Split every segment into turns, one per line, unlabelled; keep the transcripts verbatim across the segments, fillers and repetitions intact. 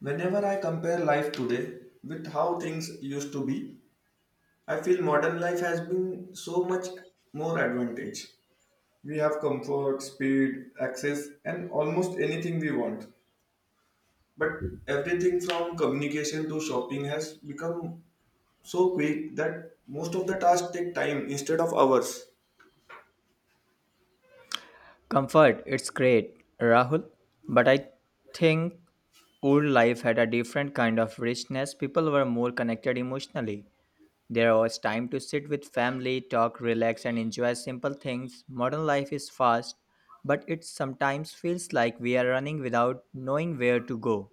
Whenever I compare life today with how things used to be, I feel modern life has been so much more advantage. We have comfort, speed, access, and almost anything we want. But everything from communication to shopping has become so quick that most of the tasks take time instead of hours.
Comfort, it's great, Rahul. But I think old life had a different kind of richness. People were more connected emotionally. There was time to sit with family, talk, relax, and enjoy simple things. Modern life is fast, but it sometimes feels like we are running without knowing where to go.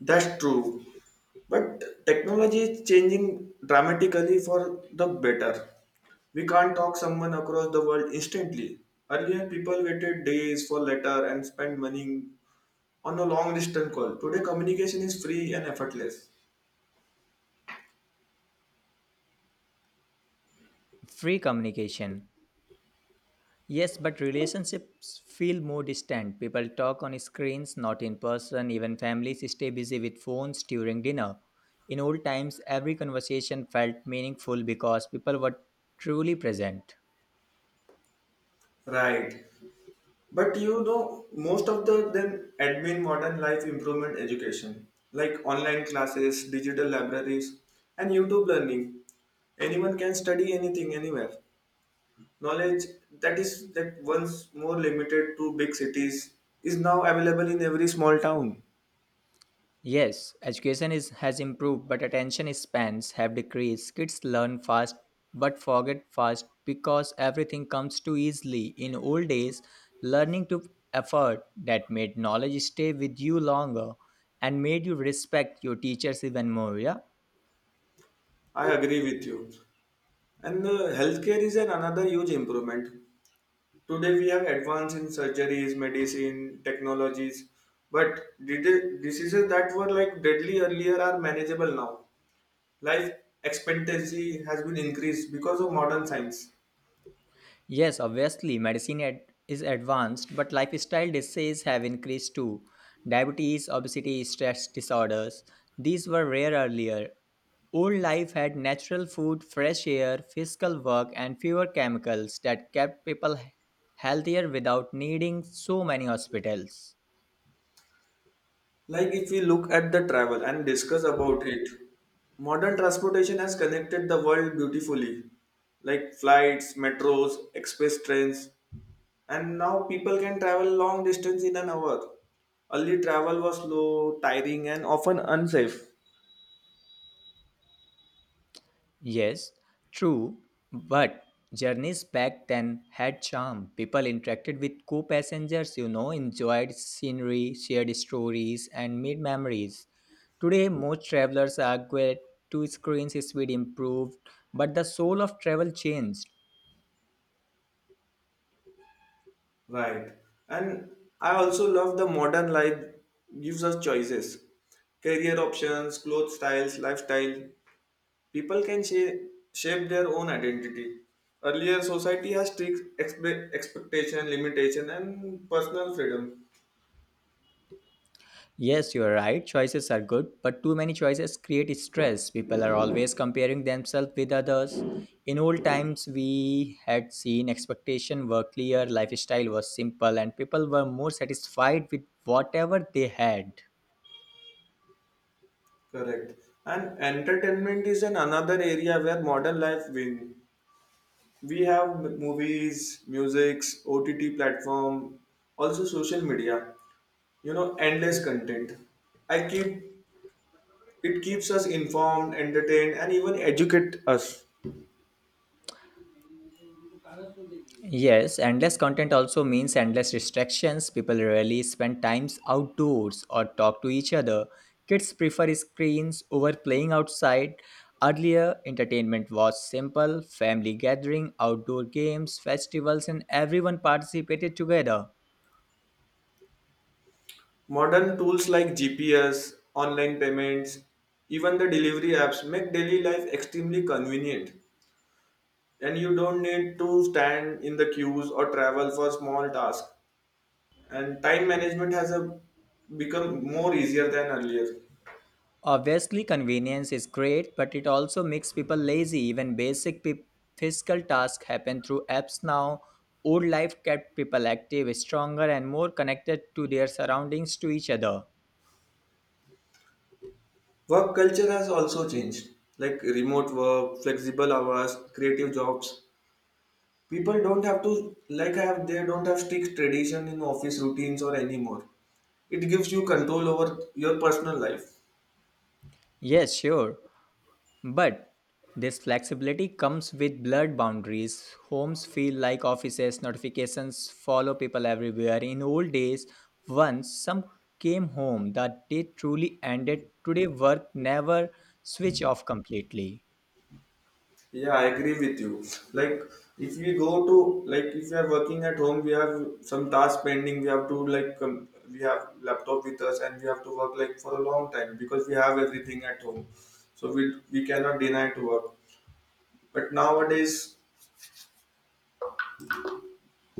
That's true. But technology is changing dramatically for the better. We can't talk someone across the world instantly. Earlier, people waited days for letter and spent money on a long distance call. Today, communication is free and effortless.
Free communication. Yes, but relationships feel more distant. People talk on screens, not in person. Even families stay busy with phones during dinner. In old times, every conversation felt meaningful because people were truly present.
Right. But you know, most of the them admin modern life improvement education, like online classes, digital libraries, and YouTube learning. Anyone can study anything anywhere. Knowledge that is that once more limited to big cities is now available in every small town.
Yes, education is has improved, but attention spans have decreased. Kids learn fast but forget fast because everything comes too easily. In old days, learning took effort that made knowledge stay with you longer and made you respect your teachers even more. Yeah.
I agree with you. And the healthcare is an another huge improvement. Today we have advance in surgeries, medicine, technologies, but did- diseases that were like deadly earlier are manageable now. Life expectancy has been increased because of modern science.
Yes, obviously, medicine ad- is advanced, but lifestyle diseases have increased too. Diabetes, obesity, stress disorders. These were rare earlier. Old life had natural food, fresh air, physical work, and fewer chemicals that kept people he- healthier without needing so many hospitals.
Like if we look at the travel and discuss about it, modern transportation has connected the world beautifully, like flights, metros, express trains, and now people can travel long distance in an hour. Early travel was slow, tiring, and often unsafe.
Yes, true, but journeys back then had charm. People interacted with co passengers, you know, enjoyed scenery, shared stories, and made memories. Today, most travelers argue to screens speed improved, but the soul of travel changed.
Right. And I also love the modern life gives us choices, career options, clothes styles, lifestyle. People can shape, shape their own identity. Earlier, society has strict expe- expectation, limitation, and personal freedom.
Yes, you are right. Choices are good, but too many choices create stress. People are always comparing themselves with others. In old times, we had seen expectation were clear, lifestyle was simple, and people were more satisfied with whatever they had.
Correct. And entertainment is an another area where modern life win. We have m- movies, musics, O T T platform, also social media. You know, endless content. I keep it keeps us informed, entertained, and even educate us.
Yes, endless content also means endless distractions. People rarely spend times outdoors or talk to each other. Kids prefer screens over playing outside. Earlier, entertainment was simple family gathering, outdoor games, festivals, and everyone participated together.
Modern tools like G P S, online payments, even the delivery apps make daily life extremely convenient, and you don't need to stand in the queues or travel for small tasks, and time management has a, become more easier than earlier.
Obviously, convenience is great, but it also makes people lazy. Even basic pe- physical tasks happen through apps now. Old life kept people active, stronger, and more connected to their surroundings to each other.
Work culture has also changed, like remote work, flexible hours, creative jobs. People don't have to like have they don't have strict tradition in office routines or anymore. It gives you control over your personal life.
Yes, sure. But this flexibility comes with blurred boundaries. Homes feel like offices, notifications follow people everywhere. In old days, once some came home, the day truly ended. Today, work never switch off completely.
Yeah, I agree with you. Like, if we go to like if we are working at home, we have some task pending. We have to like com- we have laptop with us, and we have to work like for a long time because we have everything at home. So we we cannot deny to work. But nowadays,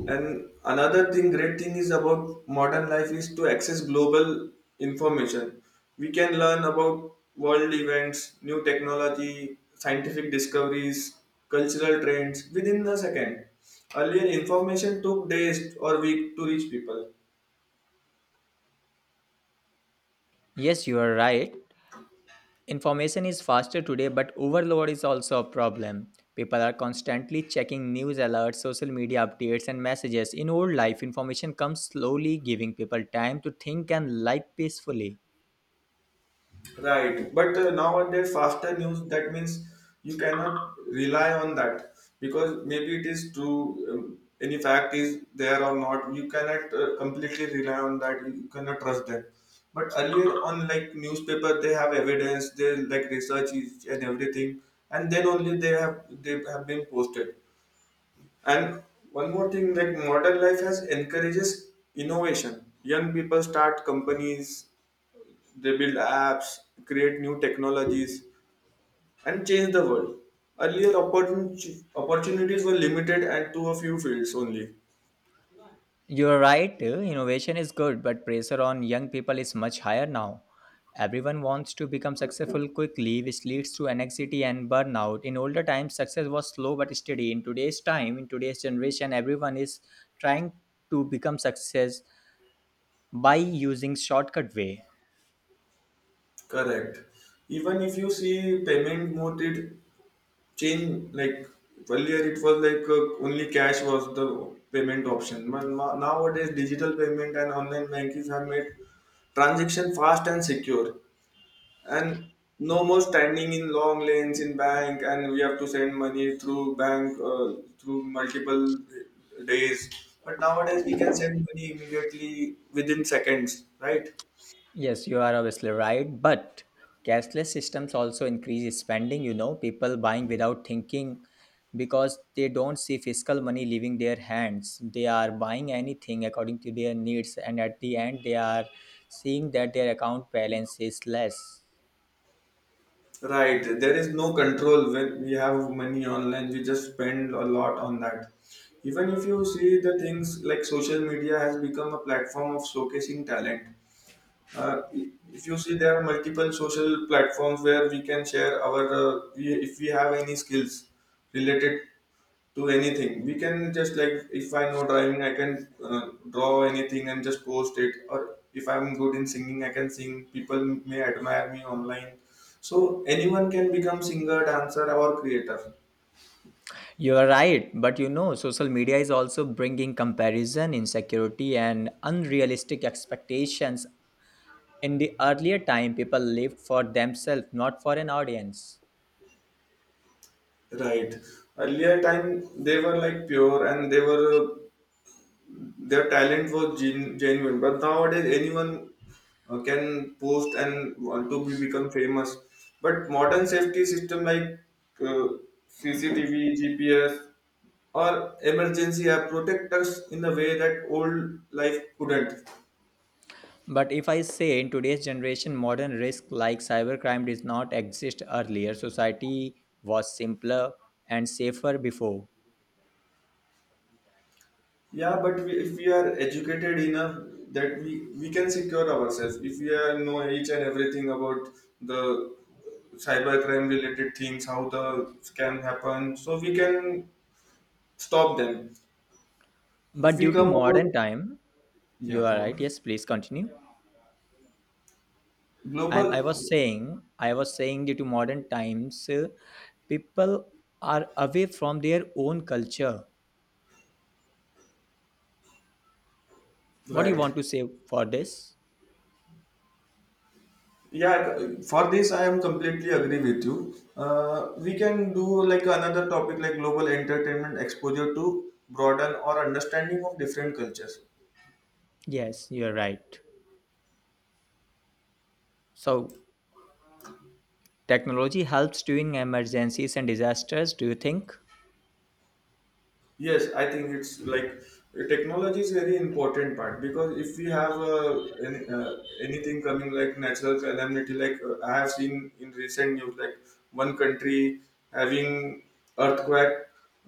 and another thing, great thing is about modern life is to access global information. We can learn about world events, new technology, scientific discoveries, cultural trends within a second. Earlier, information took days or week to reach people.
Yes, you are right. Information is faster today, but overload is also a problem. People are constantly checking news alerts, social media updates, and messages. In old life, information comes slowly, giving people time to think and live peacefully.
Right, but uh, nowadays faster news that means you cannot rely on that because maybe it is true, um, any fact is there or not. You cannot uh, completely rely on that. You cannot trust them. But earlier on, like newspaper, they have evidence. They like research is- and everything, and then only they have they have been posted. And one more thing, like modern life has encourages innovation. Young people start companies, they build apps, create new technologies, and change the world. Earlier, opportun- opportunities were limited and to a few fields only.
You're right, uh, innovation is good, but pressure on young people is much higher now. Everyone wants to become successful quickly, which leads to anxiety and burnout. In older times, success was slow but steady. In today's time, in today's generation, everyone is trying to become success by using shortcut way.
Correct. Even if you see payment mode, it change like earlier it was like uh, only cash was the payment option. But no- nowadays, digital payment and online banking have made transaction fast and secure. And no more standing in long lanes in bank, and we have to send money through bank uh, through multiple days, but nowadays we can send money immediately within seconds, right?
Yes, you are obviously right. But cashless systems also increase spending, you know, people buying without thinking because they don't see fiscal money leaving their hands. They are buying anything according to their needs, and at the end, they are seeing that their account balance is less.
Right, there is no control when we have money online, we just spend a lot on that. Even if you see the things, like social media has become a platform of showcasing talent, uh, if you see there are multiple social platforms where we can share our uh, we, if we have any skills related to anything, we can just like if I know driving I can uh, draw anything and just post it, or if I'm good in singing I can sing, people may admire me online. So anyone can become singer dancer or creator,
You are right, but you know, social media is also bringing comparison, insecurity, and unrealistic expectations. In the earlier time, people lived for themselves, not for an audience.
right. Earlier time they were like pure and they were uh, their talent was gen- genuine, but nowadays anyone uh, can post and want to be become famous. But modern safety system like uh, C C T V G P S or emergency app protect us in a way that old life couldn't.
But if I say in today's generation, modern risk like cybercrime did not exist earlier, society was simpler and safer before.
Yeah, but we, if we are educated enough that we we can secure ourselves if we are know each and everything about the cybercrime related things, how the scam happen, so we can stop them. If
But
we
due to
come
modern
about,
time,
yeah,
you are
go
right.
on.
Yes, please continue. And
Global,
I was saying, I was saying due to modern times, uh, people are away from their own culture. What do you
right.
want to say for this?
Yeah, for this I am completely agree with you. Uh, we can do like another topic like global entertainment exposure to broaden our understanding of different cultures.
Yes, you're right. So technology helps during emergencies and disasters, do you think?
Yes, I think it's like uh, technology is very important part because if we have uh, any, uh, anything coming like natural calamity, like uh, I have seen in recent news, like one country having earthquake,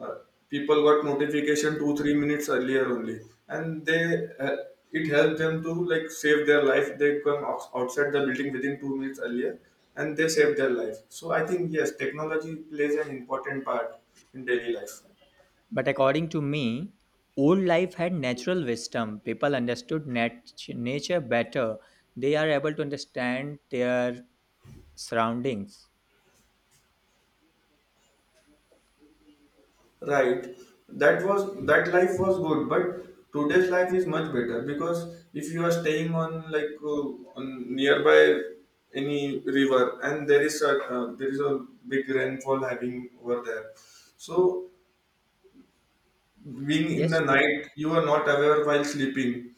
uh, people got notification two three minutes earlier only, and they uh, it helped them to like save their life. They come outs- outside the building within two minutes earlier, and they save their life. So I think yes, technology plays an important part in daily life.
But according to me, old life had natural wisdom. People understood nat- nature better. They are able to understand their surroundings.
Right. That was that life was good, but today's life is much better because if you are staying on like uh, on nearby any river and there is a uh, there is a big rainfall having over there, so being in the
Yes, you,
night you are not aware while sleeping,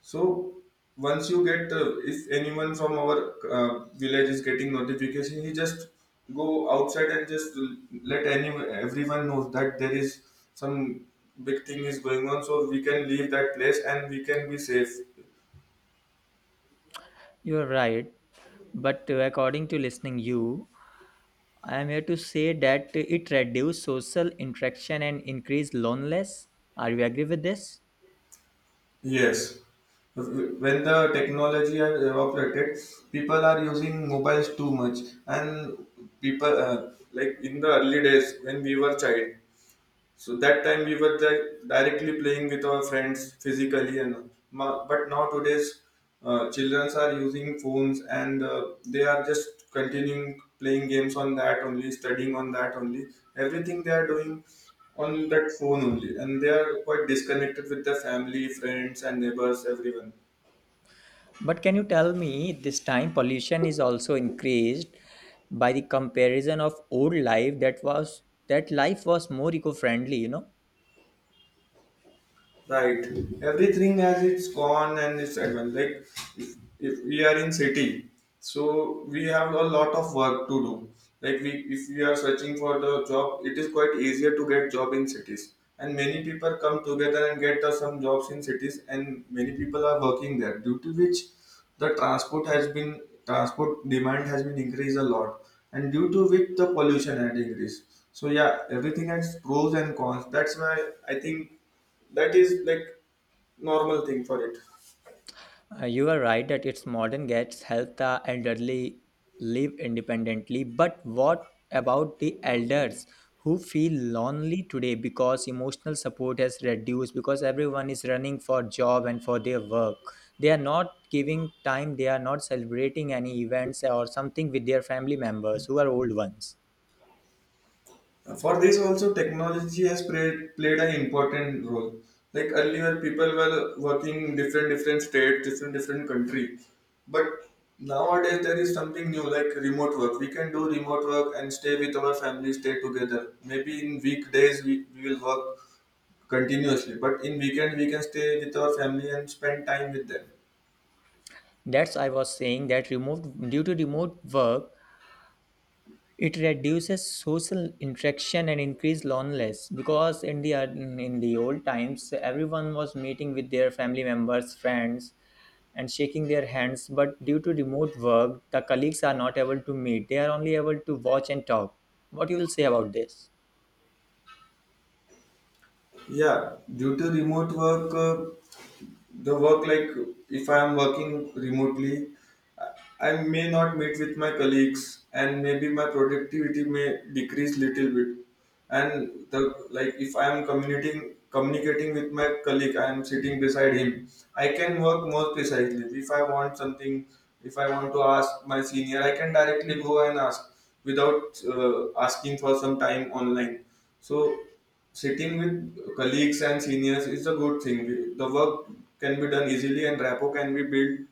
so once you get, uh, if anyone from our uh, village is getting notification, he just go outside and just let any everyone knows that there is some big thing is going on, so we can leave that place and we can be safe.
you are right. But uh, according to listening you, I am here to say that it reduced social interaction and increased loneliness. Are you agree with this?
Yes. When the technology has evaporated, people are using mobiles too much, and people uh, like in the early days when we were child, so that time we were like directly playing with our friends physically, and ma- but now today's uh, children are using phones and uh, they are just continuing playing games on that only, studying on that only. Everything they are doing on that phone only, and they are quite disconnected with their family, friends, and neighbors, everyone.
But can you tell me this time pollution is also increased by the comparison of old life that was that life was more eco-friendly, you know?
Right. Everything has its con and its advantage. Like if, if we are in city, so we have a lot of work to do. Like we, if we are searching for the job, it is quite easier to get job in cities. And many people come together and get uh, some jobs in cities, and many people are working there. Due to which, the transport has been transport demand has been increased a lot, and due to which the pollution had increased. So yeah, everything has pros and cons. That's why I think that is like normal thing for it.
Uh, you are right that its modern gets help the elderly live independently, but what about the elders who feel lonely today because emotional support has reduced because everyone is running for job and for their work. They are not giving time, they are not celebrating any events or something with their family members who are old ones.
For this also, technology has played played an important role. Like earlier, people were working in different different states, different different country, but nowadays there is something new like remote work. We can do remote work and stay with our family, stay together. Maybe in weekdays we, we will work continuously, but in weekend we can stay with our family and spend time with them.
That's I was saying that removed due to remote work. It reduces social interaction and increased loneliness because in the in the old times everyone was meeting with their family members, friends, and shaking their hands. But due to remote work, the colleagues are not able to meet. They are only able to watch and talk. What you will say about this?
Yeah, due to remote work. Uh, the work like if I am working remotely, I may not meet with my colleagues, and maybe my productivity may decrease little bit. And the like if I am communicating communicating with my colleague, I am sitting beside him. I can work more precisely. If I want something, if I want to ask my senior, I can directly go and ask without uh, asking for some time online. So sitting with colleagues and seniors is a good thing. The work can be done easily and rapport can be built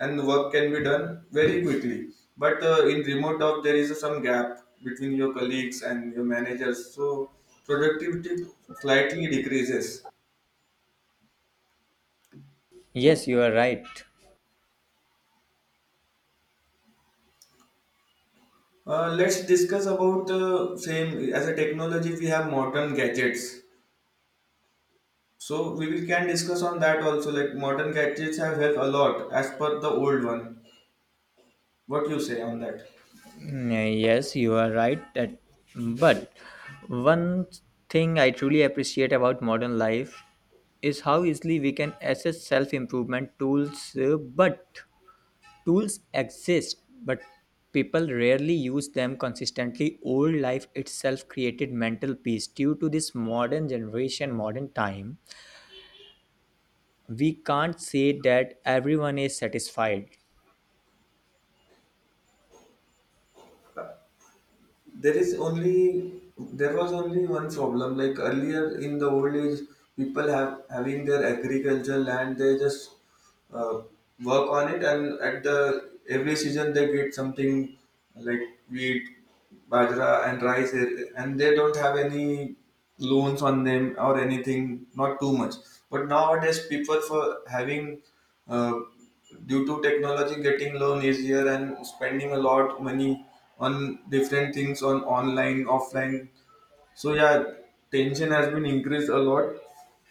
and the work can be done very quickly. But uh, in remote job, there is some gap between your colleagues and your managers, so productivity slightly decreases.
Yes, you are right.
Uh, let's discuss about uh, same as a technology. We have modern gadgets, so we will can discuss on that also. Like modern gadgets have helped a lot as per the old one. What you say on that?
Mm, yes, you are right. That, but one thing I truly appreciate about modern life is how easily we can access self improvement tools, uh, but tools exist, but people rarely use them consistently. Old life itself created mental peace due to this modern generation, modern time. We can't say that everyone is satisfied.
there is only there was only one problem, like earlier in the old age people have having their agricultural land, they just uh, work on it, and at the every season they get something like wheat, bajra and rice eh, and they don't have any loans on them or anything, not too much. But nowadays people for having uh, due to technology getting loan easier and spending a lot money on different things, on online offline, so yeah, tension has been increased a lot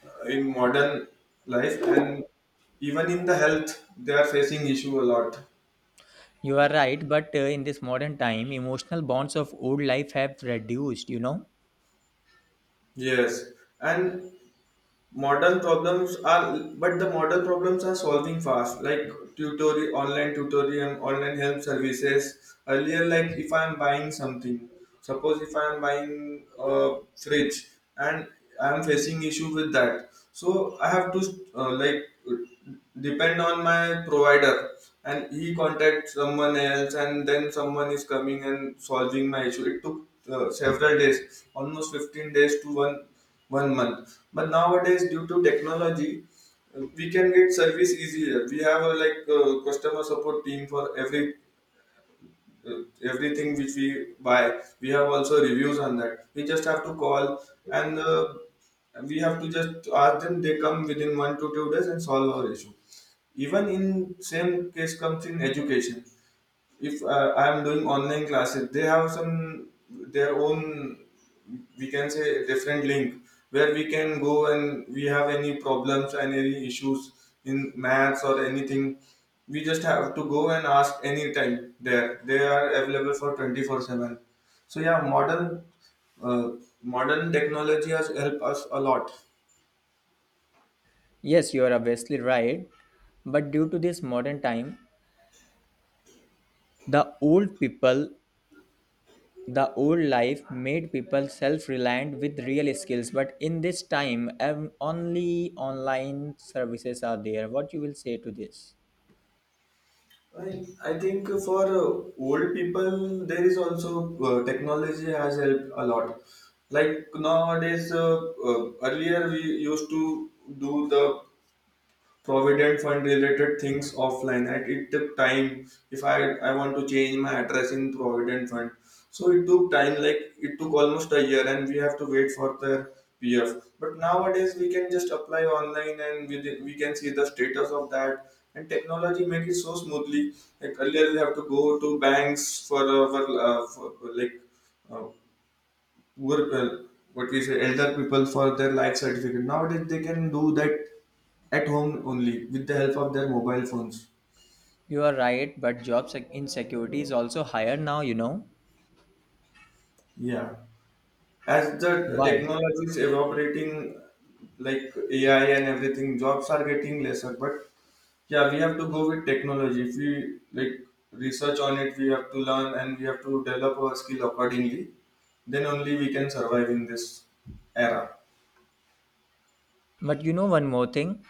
uh, in modern life, and even in the health, they are facing issue a lot.
You are right, but uh, in this modern time, emotional bonds of old life have reduced, you know.
Yes, and modern problems are but the modern problems are solving fast, like tutorial online tutorial online help services. Earlier, like if I am buying something, suppose if I am buying a fridge, and I am facing issue with that, so I have to uh, like depend on my provider, and he contacts someone else, and then someone is coming and solving my issue. It took uh, several days, almost fifteen days, to one one month. But nowadays, due to technology, uh, we can get service easier. We have a like uh, customer support team for every uh, everything which we buy. We have also reviews on that. We just have to call and uh, we have to just ask them. They come within one to two days and solve our issue. Even in same case comes in education, if uh, I am doing online classes, they have some their own, we can say, different link, where we can go, and we have any problems and any issues in maths or anything, we just have to go and ask anytime. There they are available for twenty-four seven. So yeah, modern uh, modern technology has helped us a lot.
Yes, you are obviously right. But due to this modern time, the old people the old life made people self-reliant with real skills, but in this time, ev- only online services are there. What you will say to this?
I, I think for uh, old people, there is also uh, technology has helped a lot. Like nowadays, uh, uh, earlier we used to do the provident fund related things offline, and it took time. If i i want to change my address in provident fund, so it took time, like it took almost a year, and we have to wait for the pf. But nowadays we can just apply online, and we, we can see the status of that, and technology make it so smoothly. Like earlier we have to go to banks for, uh, for, uh, for like uh, were uh, what we say, elder people for their life certificate. Nowadays they can do that at home only with the help of their mobile phones.
You are right, but job sec- insecurity is also higher now. You know
Yeah, as the
why?
technology is evaporating, like A I and everything, jobs are getting lesser. But yeah, we have to go with technology. If we like research on it, we have to learn, and we have to develop our skill accordingly. Then only we can survive in this era.
But you know one more thing.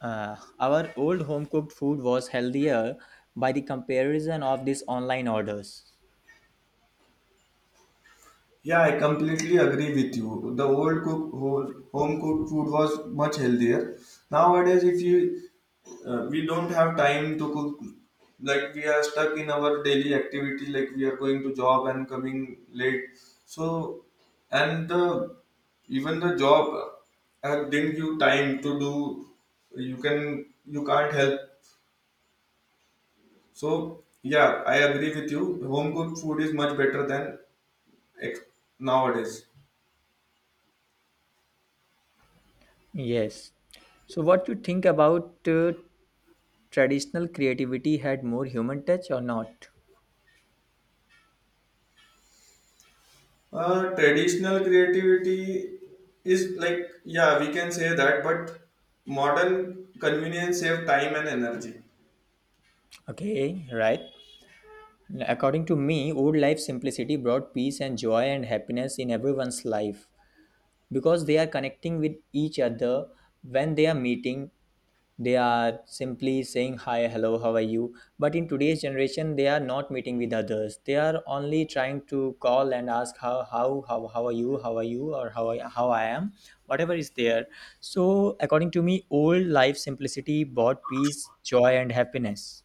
Uh, our old home-cooked food was healthier by the comparison of these online orders.
Yeah, I completely agree with you. The old cook whole- home cooked food was much healthier. Nowadays, if you uh, we don't have time to cook, like we are stuck in our daily activity, like we are going to job and coming late. So, and the even the job uh, didn't give time to do. You can you can't help. So yeah, I agree with you. Home cooked food is much better than ex- nowadays.
Yes. So, what you think about uh, traditional creativity had more human touch or not?
Uh, traditional creativity is like, yeah, we can say that, but modern convenience save time and energy.
Okay, right. According to me, old life simplicity brought peace and joy and happiness in everyone's life because they are connecting with each other when they are meeting. They are simply saying hi, hello, how are you? But in today's generation, they are not meeting with others. They are only trying to call and ask how how how, how are you, how are you, or how I, how I am, whatever is there. So according to me, old life simplicity brought peace, joy, and happiness.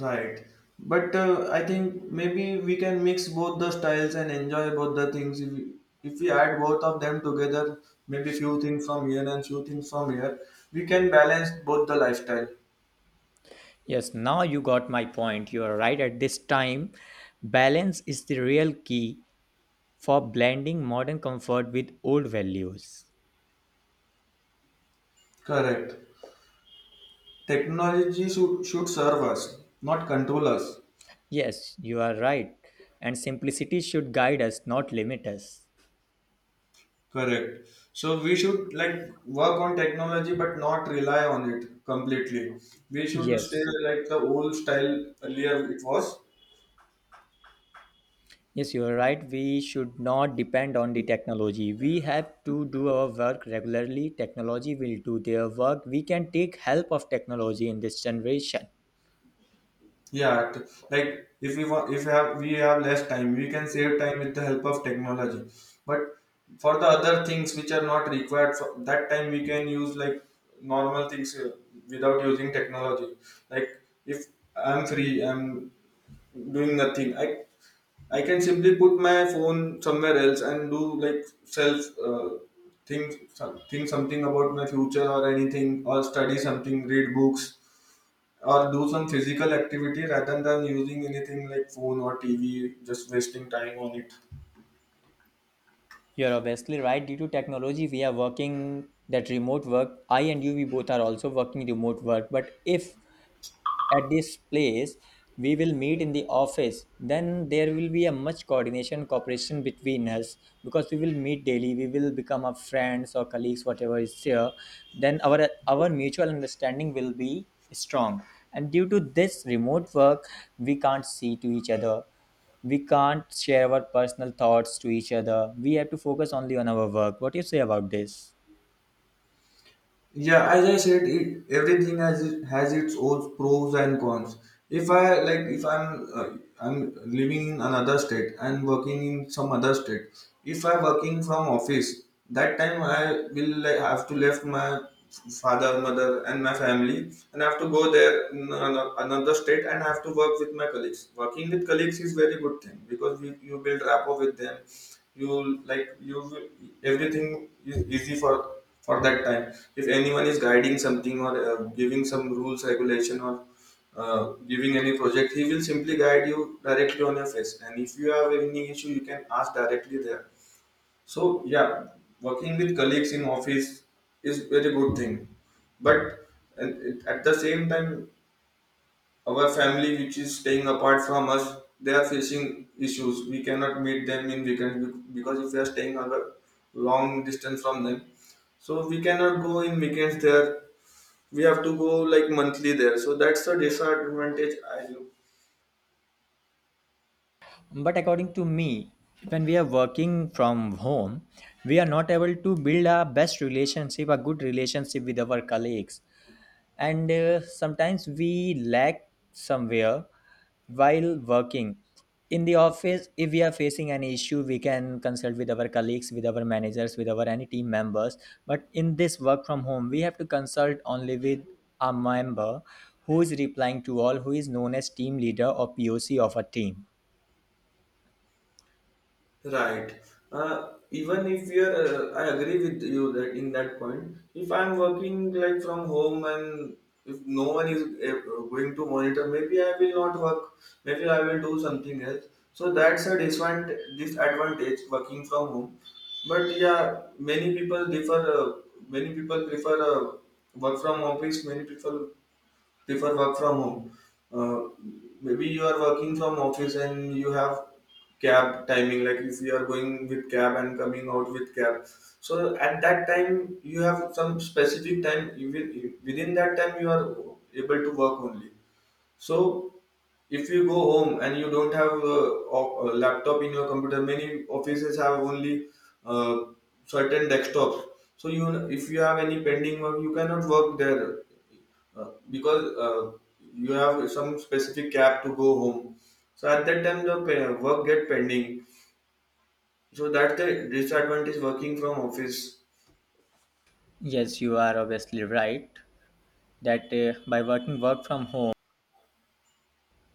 Right. But uh, I think maybe we can mix both the styles and enjoy both the things. If we, if we add both of them together, maybe few things from here and few things from here, we can balance both the lifestyle.
Yes, now you got my point. You are right. At this time, balance is the real key for blending modern comfort with old values.
Correct. Technology should, should serve us, not control us.
Yes, you are right. And simplicity should guide us, not limit us.
Correct. So we should like work on technology, but not rely on it completely. We should stay
Yes,
like the old style earlier it was.
yes, you are right. We should not depend on the technology. We have to do our work regularly. Technology will do their work. We can take help of technology in this generation.
Yeah, t- like if we want, if we have we have less time, we can save time with the help of technology. But for the other things which are not required for that time, we can use like normal things uh, without using technology. Like if I'm free, I'm doing nothing. I I can simply put my phone somewhere else and do like self uh, think some- think something about my future or anything, or study something, read books, or do some physical activity rather than using anything like phone or T V, just wasting time on it.
You're obviously right. Due to technology, we are working that remote work. I and you, we both are also working remote work. But if at this place we will meet in the office, then there will be a much coordination cooperation between us because we will meet daily, we will become our friends or colleagues, whatever is here, then our our mutual understanding will be strong. And due to this remote work, we can't see to each other, we can't share our personal thoughts to each other, we have to focus only on our work. What do you say about this?
Yeah, as I said it, everything has it, has its own pros and cons. If I like if i'm uh, i'm living in another state and working in some other state, if I'm working from office, that time I will like have to left my father, mother and my family, and I have to go there in ano- another state, and I have to work with my colleagues. Working with colleagues is very good thing, because you, you build rapport with them. You like you will- Everything is easy for for that time. If anyone is guiding something or uh, giving some rules regulation or uh, giving any project, he will simply guide you directly on your face, and if you have any issue you can ask directly there. So yeah, working with colleagues in office is very good thing. But and it- at the same time, our family which is staying apart from us, they are facing issues. We cannot meet them in weekend, bec- because if we are staying a long distance from them, so we cannot go in weekends there. We have to go like monthly there. So that's the disadvantage, I look.
But according to me, when we are working from home, we are not able to build a best relationship, a good relationship with our colleagues. And uh, sometimes we lack somewhere while working. In the office, if we are facing an issue, we can consult with our colleagues, with our managers, with our any team members. But in this work from home, we have to consult only with a member who is replying to all, who is known as team leader or P O C of a team.
Right. Uh, even if we are, uh, I agree with you that in that point. If I'm working like from home and if no one is uh, going to monitor, maybe I will not work. Maybe I will do something else. So that's a disadvantage, disadvantage working from home. But yeah, many people differ. Uh, many people prefer uh, work from office. Many people prefer work from home. Uh, Maybe you are working from office and you have cab timing. Like if you are going with cab and coming out with cab, so at that time you have some specific time. Even within that time you are able to work only. So if you go home and you don't have a, a laptop in your computer, many offices have only uh, certain desktops. So you, if you have any pending work, you cannot work there uh, because uh, you have some specific cap to go home. So at that time, the pa- work get pending. So that's the disadvantage working from office.
Yes, you are obviously right that uh, by working work from home,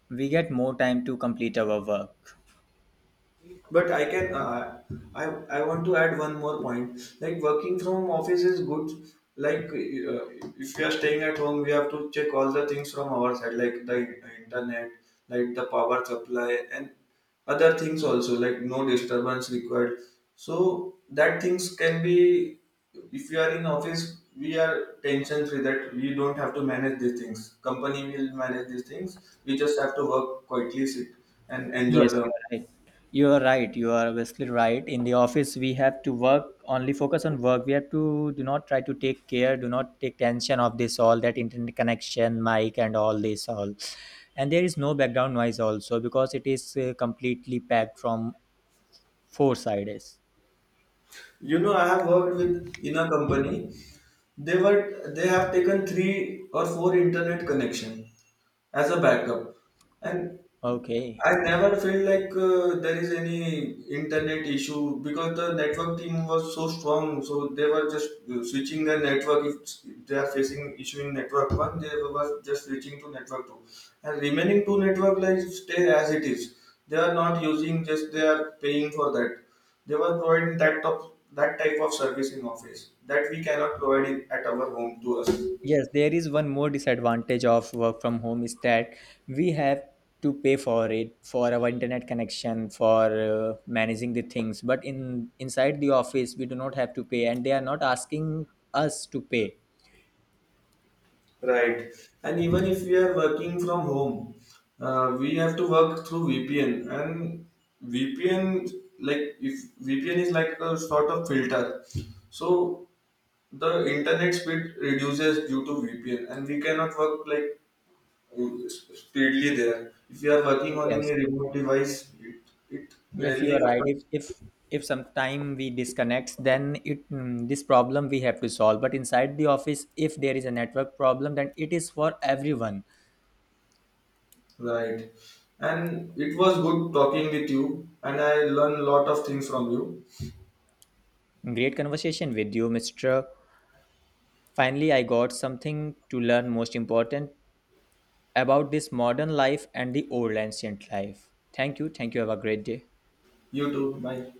we get more time to complete our work.
But I can uh, I I want to add one more point. Like working from office is good. Like uh, if we are staying at home, we have to check all the things from our side, like the internet, like the power supply, and other things also, like no disturbance required. So that things can be, if we are in office, we are tension free, that we don't have to manage these things, company will manage these things. We just have to work quietly, sit and enjoy
Yes,
the.
you are right. You are right. You are obviously right. In the office, we have to work only focus on work. We have to do not try to take care, do not take tension of this all that internet connection, mic, and all this all. And there is no background noise also because it is uh, completely packed from four sides.
You know, I have worked with in a company. They were they have taken three or four internet connection as a backup. And
Okay.
I never felt like uh, there is any internet issue, because the network team was so strong. So they were just uh, switching the network. If they are facing issue in network one, they were just switching to network two, and remaining two network like stay as it is. They are not using, just they are paying for that. They were providing that top that type of service in office that we cannot provide in, at our home to us.
Yes, there is one more disadvantage of work from home is that we have to pay for it for our internet connection for uh, managing the things, but in inside the office we do not have to pay and they are not asking us to pay.
Right. And even if we are working from home, uh, we have to work through V P N. And V P N, like if V P N is like a sort of filter, so the internet speed reduces due to V P N, and we cannot work like uh, speedily there. If you are working on any
Yes,
remote device, it it
yes you
rarely
are right.
happens.
If if if sometime we disconnect, then it mm, this problem we have to solve. But inside the office, if there is a network problem, then it is for everyone.
Right. And it was good talking with you, and I learned a lot of things from you.
Great conversation with you, mr. Finally, I got something to learn most important about this modern life and the old ancient life. Thank you. Thank you. Have a great day.
You too. Bye.